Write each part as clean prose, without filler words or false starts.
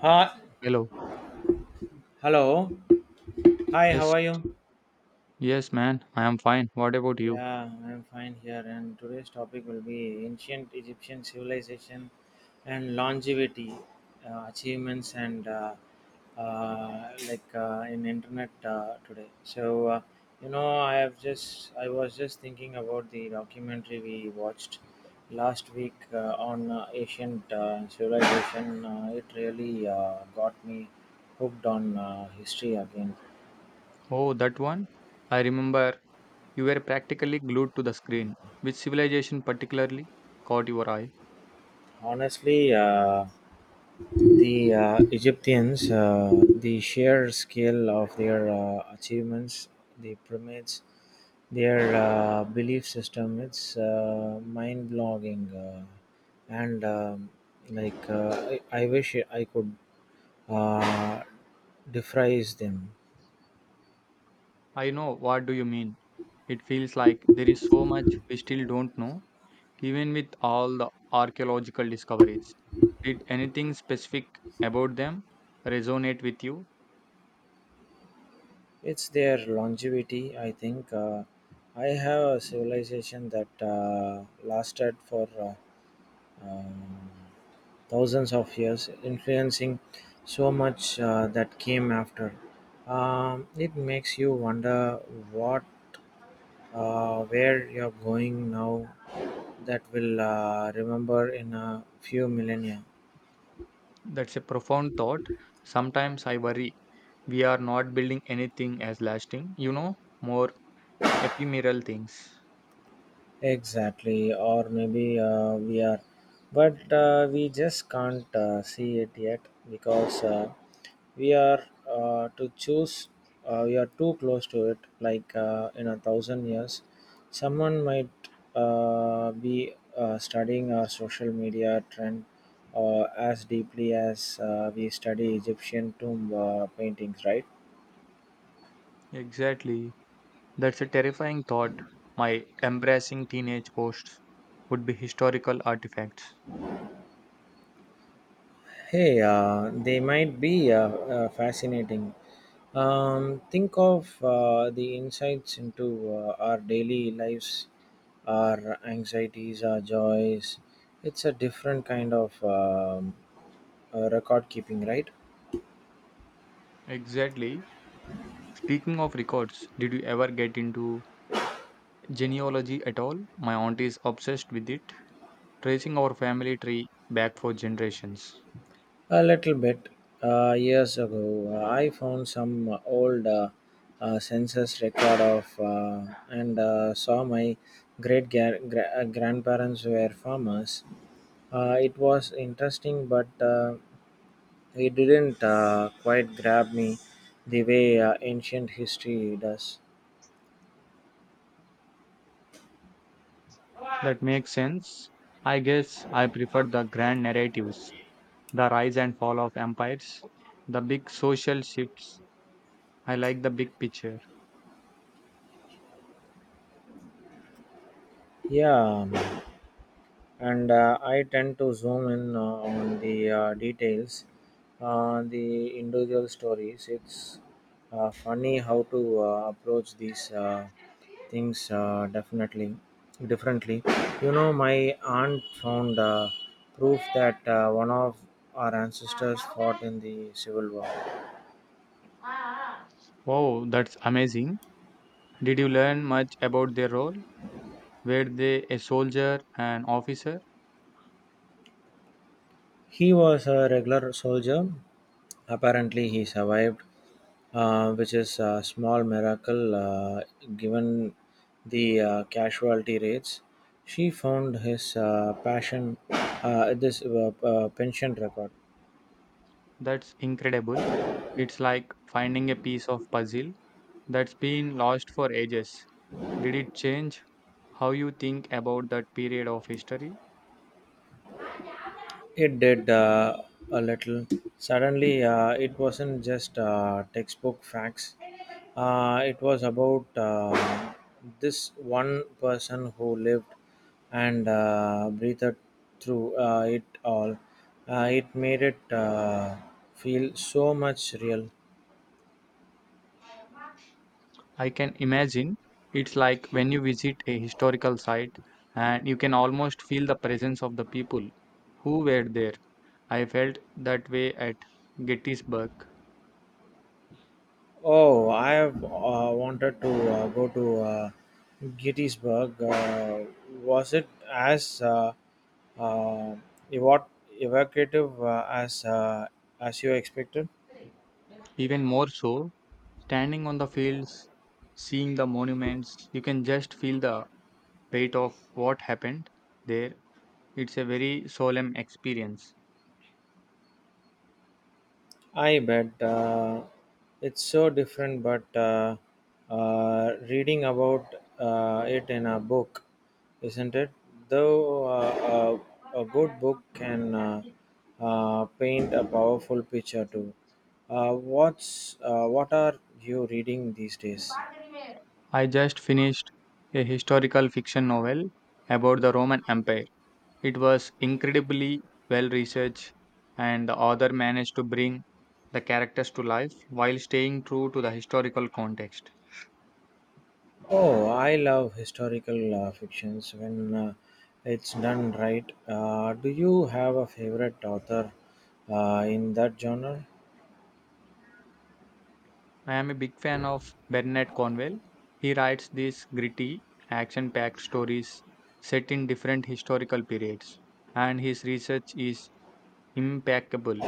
Hi, Hello. hello. Hi, how Yes, are you? yes, man. I am fine. What about you? Yeah, I'm fine here. And today's topic will be ancient Egyptian civilization and longevity, achievements, and in internet today. You know, I was just thinking about the documentary we watched last week on ancient civilization. It really got me hooked on history again Oh, that one? I remember you were practically glued to the screen. Which civilization particularly caught your eye? honestly. The Egyptians, the sheer scale of their achievements, the pyramids, their belief system, it's mind blogging. And um, I wish I could uh, defrise them. I know what do you mean. It feels like there is so much we still don't know, even with all the archaeological discoveries. Did anything specific about them resonate with you? It's their longevity, I think. I have a civilization that lasted for. Um, Thousands of years, influencing so much that came after. It makes you wonder what, where you're going now that will remember in a few millennia. That's a profound thought. Sometimes I worry we are not building anything as lasting, you know, more ephemeral things. Exactly, or maybe we are, but we just can't see it yet because we are to choose. We are too close to it. Like in a thousand years, someone might be studying our social media trend as deeply as we study Egyptian tomb paintings, right? Exactly. That's a terrifying thought. My embarrassing teenage posts would be historical artifacts. Hey, they might be fascinating. Think of the insights into our daily lives, our anxieties, our joys. It's a different kind of record keeping, right? Exactly. Speaking of records, did you ever get into genealogy at all? My aunt is obsessed with it, tracing our family tree back for generations. A little bit. Years ago, I found some old census record of and saw my grandparents were farmers. It was interesting, but it didn't quite grab me the way ancient history does. That makes sense. I guess I prefer the grand narratives, the rise and fall of empires, the big social shifts. I like the big picture. Yeah, and I tend to zoom in on the details, the individual stories. It's funny how to approach these things definitely differently. You know, my aunt found proof that one of our ancestors fought in the Civil War. Wow, that's amazing. Did you learn much about their role? Were they a soldier, an officer? He was a regular soldier. Apparently, he survived, which is a small miracle given the casualty rates. She found his passion, this pension record. That's incredible. It's like finding a piece of puzzle that's been lost for ages. Did it change how you think about that period of history? It did a little. Suddenly, it wasn't just textbook facts. It was about this one person who lived and breathed through it all. It made it feel so much real. I can imagine it's like when you visit a historical site and you can almost feel the presence of the people who were there. I felt that way at Gettysburg, Oh, I have wanted to go to Gettysburg. Was it as uh, evo- evocative as as you expected? even more so. Standing on the fields, seeing the monuments, you can just feel the weight of what happened there. It's a very solemn experience. I bet it's so different, but reading about it in a book, isn't it? Though a good book can paint a powerful picture too. What are you reading these days? I just finished a historical fiction novel about the Roman Empire. It was incredibly well researched, and the author managed to bring the characters to life while staying true to the historical context. Oh, I love historical fictions when it's done right. Do you have a favorite author in that genre? I am a big fan of Bernard Cornwell. He writes these gritty, action packed stories set in different historical periods, and his research is impeccable.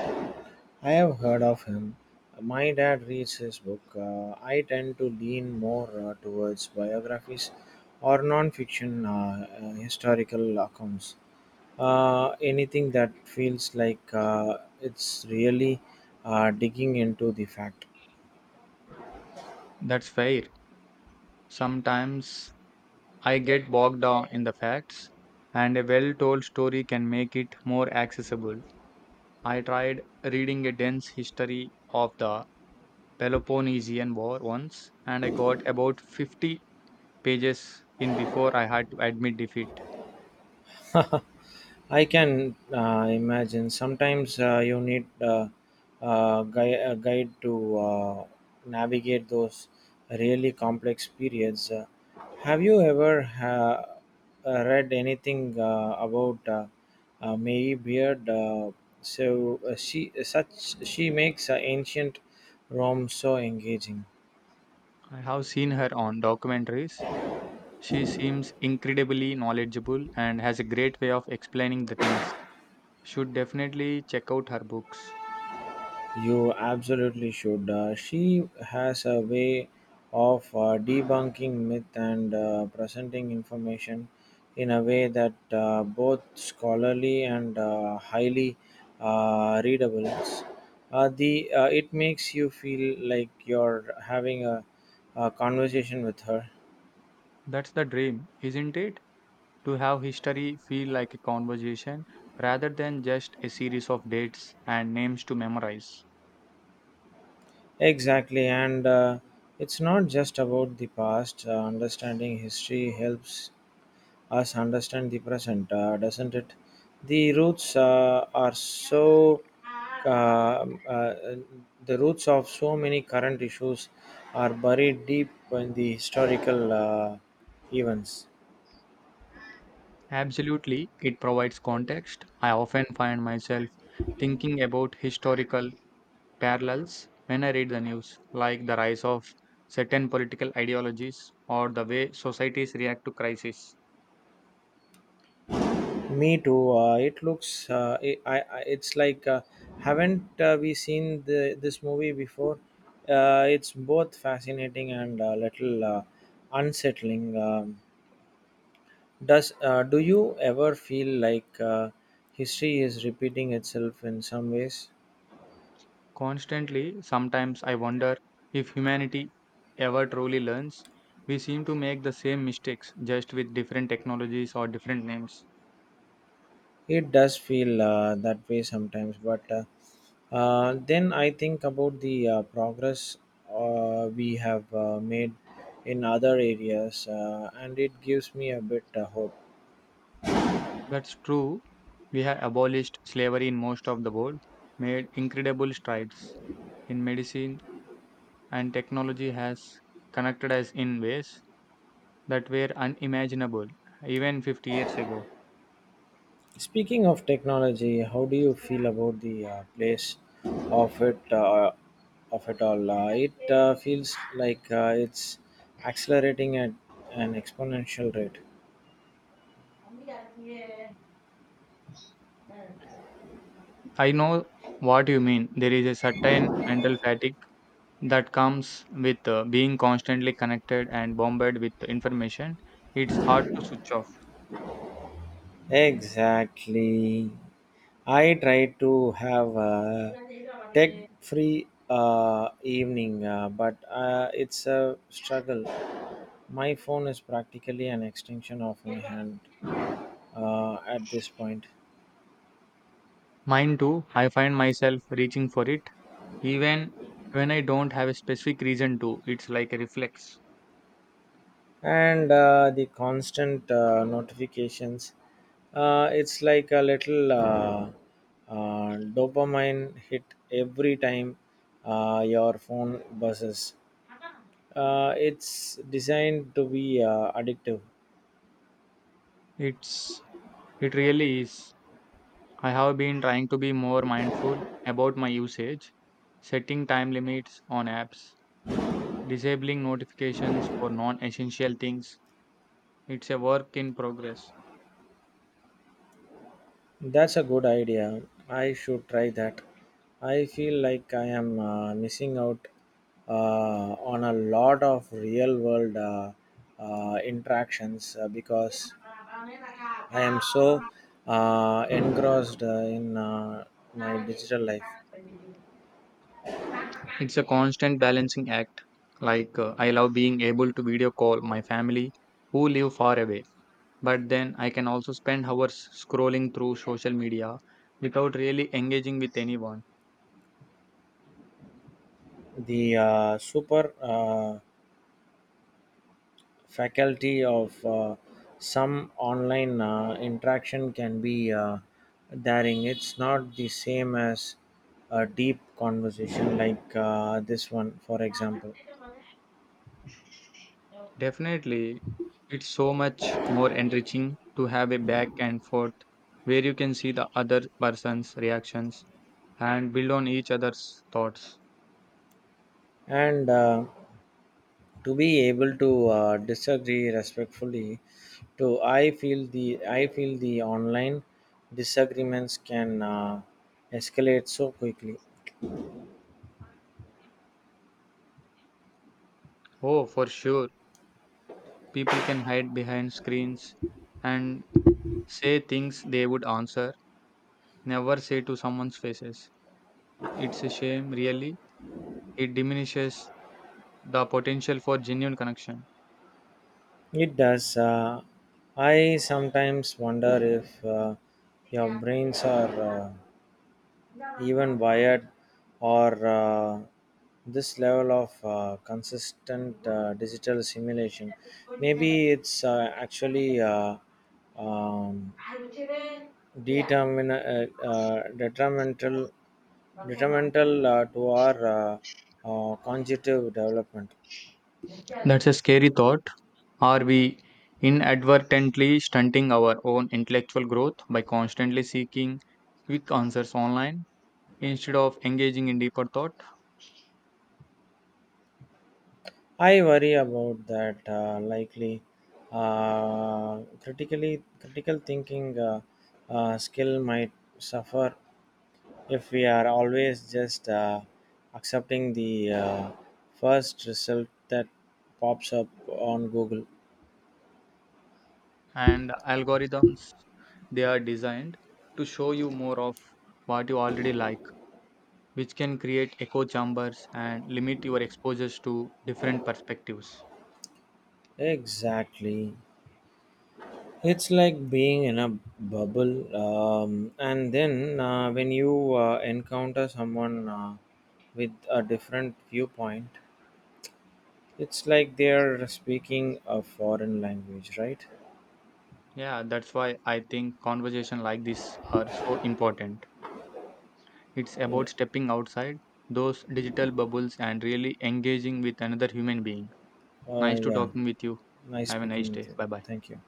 I have heard of him. My dad reads his book. I tend to lean more towards biographies or non-fiction historical accounts. Anything that feels like it's really digging into the fact. That's fair. Sometimes I get bogged down in the facts, and a well told story can make it more accessible. I tried reading a dense history of the Peloponnesian War once, and I got about 50 pages in before I had to admit defeat. I can imagine. Sometimes you need a guide to navigate those really complex periods. Have you ever read anything about Mary Beard? She makes ancient Rome so engaging. I have seen her on documentaries. She seems incredibly knowledgeable and has a great way of explaining the things. Should definitely check out her books. You absolutely should. She has a way of debunking myth and presenting information in a way that both scholarly and highly readable. The It makes you feel like you're having a conversation with her. That's the dream, isn't it? To have history feel like a conversation rather than just a series of dates and names to memorize. Exactly, and it's not just about the past. Understanding history helps us understand the present, doesn't it? The roots uh, are so uh, uh, the roots of so many current issues are buried deep in the historical events. Absolutely, it provides context. I often find myself thinking about historical parallels when I read the news, like the rise of certain political ideologies or the way societies react to crises. Me too. It looks. I, It's like haven't we seen this movie before? It's both fascinating and a little unsettling. Does do you ever feel like history is repeating itself in some ways? Constantly, sometimes I wonder if humanity ever truly learns. We seem to make the same mistakes just with different technologies or different names. It does feel that way sometimes, but then I think about the progress we have made in other areas, and it gives me a bit hope. That's true. We have abolished slavery in most of the world, made incredible strides in medicine, and technology has connected us in ways that were unimaginable even 50 years ago. Speaking of technology, how do you feel about the place of it uh, of it all? It feels like it's accelerating at an exponential rate. I know what you mean. There is a certain mental fatigue that comes with being constantly connected and bombarded with information. It's hard to switch off. Exactly. I try to have a tech-free evening, but it's a struggle. My phone is practically an extension of my hand at this point. Mine too. I find myself reaching for it even when I don't have a specific reason to. It's like a reflex. And the constant notifications. It's like a little dopamine hit every time your phone buzzes. It's designed to be addictive. It's it really is. I have been trying to be more mindful about my usage, setting time limits on apps, disabling notifications for non essential things. It's a work in progress. That's a good idea. I should try that. I feel like I am missing out uh, on a lot of real world interactions because I am so engrossed in my digital life. It's a constant balancing act. Like, I love being able to video call my family who live far away, but then I can also spend hours scrolling through social media without really engaging with anyone. The super faculty of some online interaction can be daring. It's not the same as a deep conversation like this one, for example. Definitely, it's so much more enriching to have a back and forth where you can see the other person's reactions and build on each other's thoughts. And to be able to disagree respectfully to I feel the I feel the online disagreements can escalate so quickly. Oh, for sure. People can hide behind screens and say things they would answer, never say to someone's faces. It's a shame, really. It diminishes the potential for genuine connection. It does I sometimes wonder if your brains are even wired or this level of consistent digital simulation maybe it's actually um, determin- uh, uh, detrimental, detrimental to our cognitive development. That's a scary thought. Are we inadvertently stunting our own intellectual growth by constantly seeking quick answers online instead of engaging in deeper thought? I worry about that likely critical thinking skill might suffer if we are always just accepting the first result that pops up on Google. And algorithms, they are designed to show you more of what you already like, which can create echo chambers and limit your exposures to different perspectives. Exactly. It's like being in a bubble, and then when you encounter someone with a different viewpoint, it's like they're speaking a foreign language, right? Yeah, that's why I think conversation like this are so important. It's Yeah. about stepping outside those digital bubbles and really engaging with another human being. Nice to Yeah. talking with you. Nice Have a nice speaking with day. you. Bye bye. Thank you.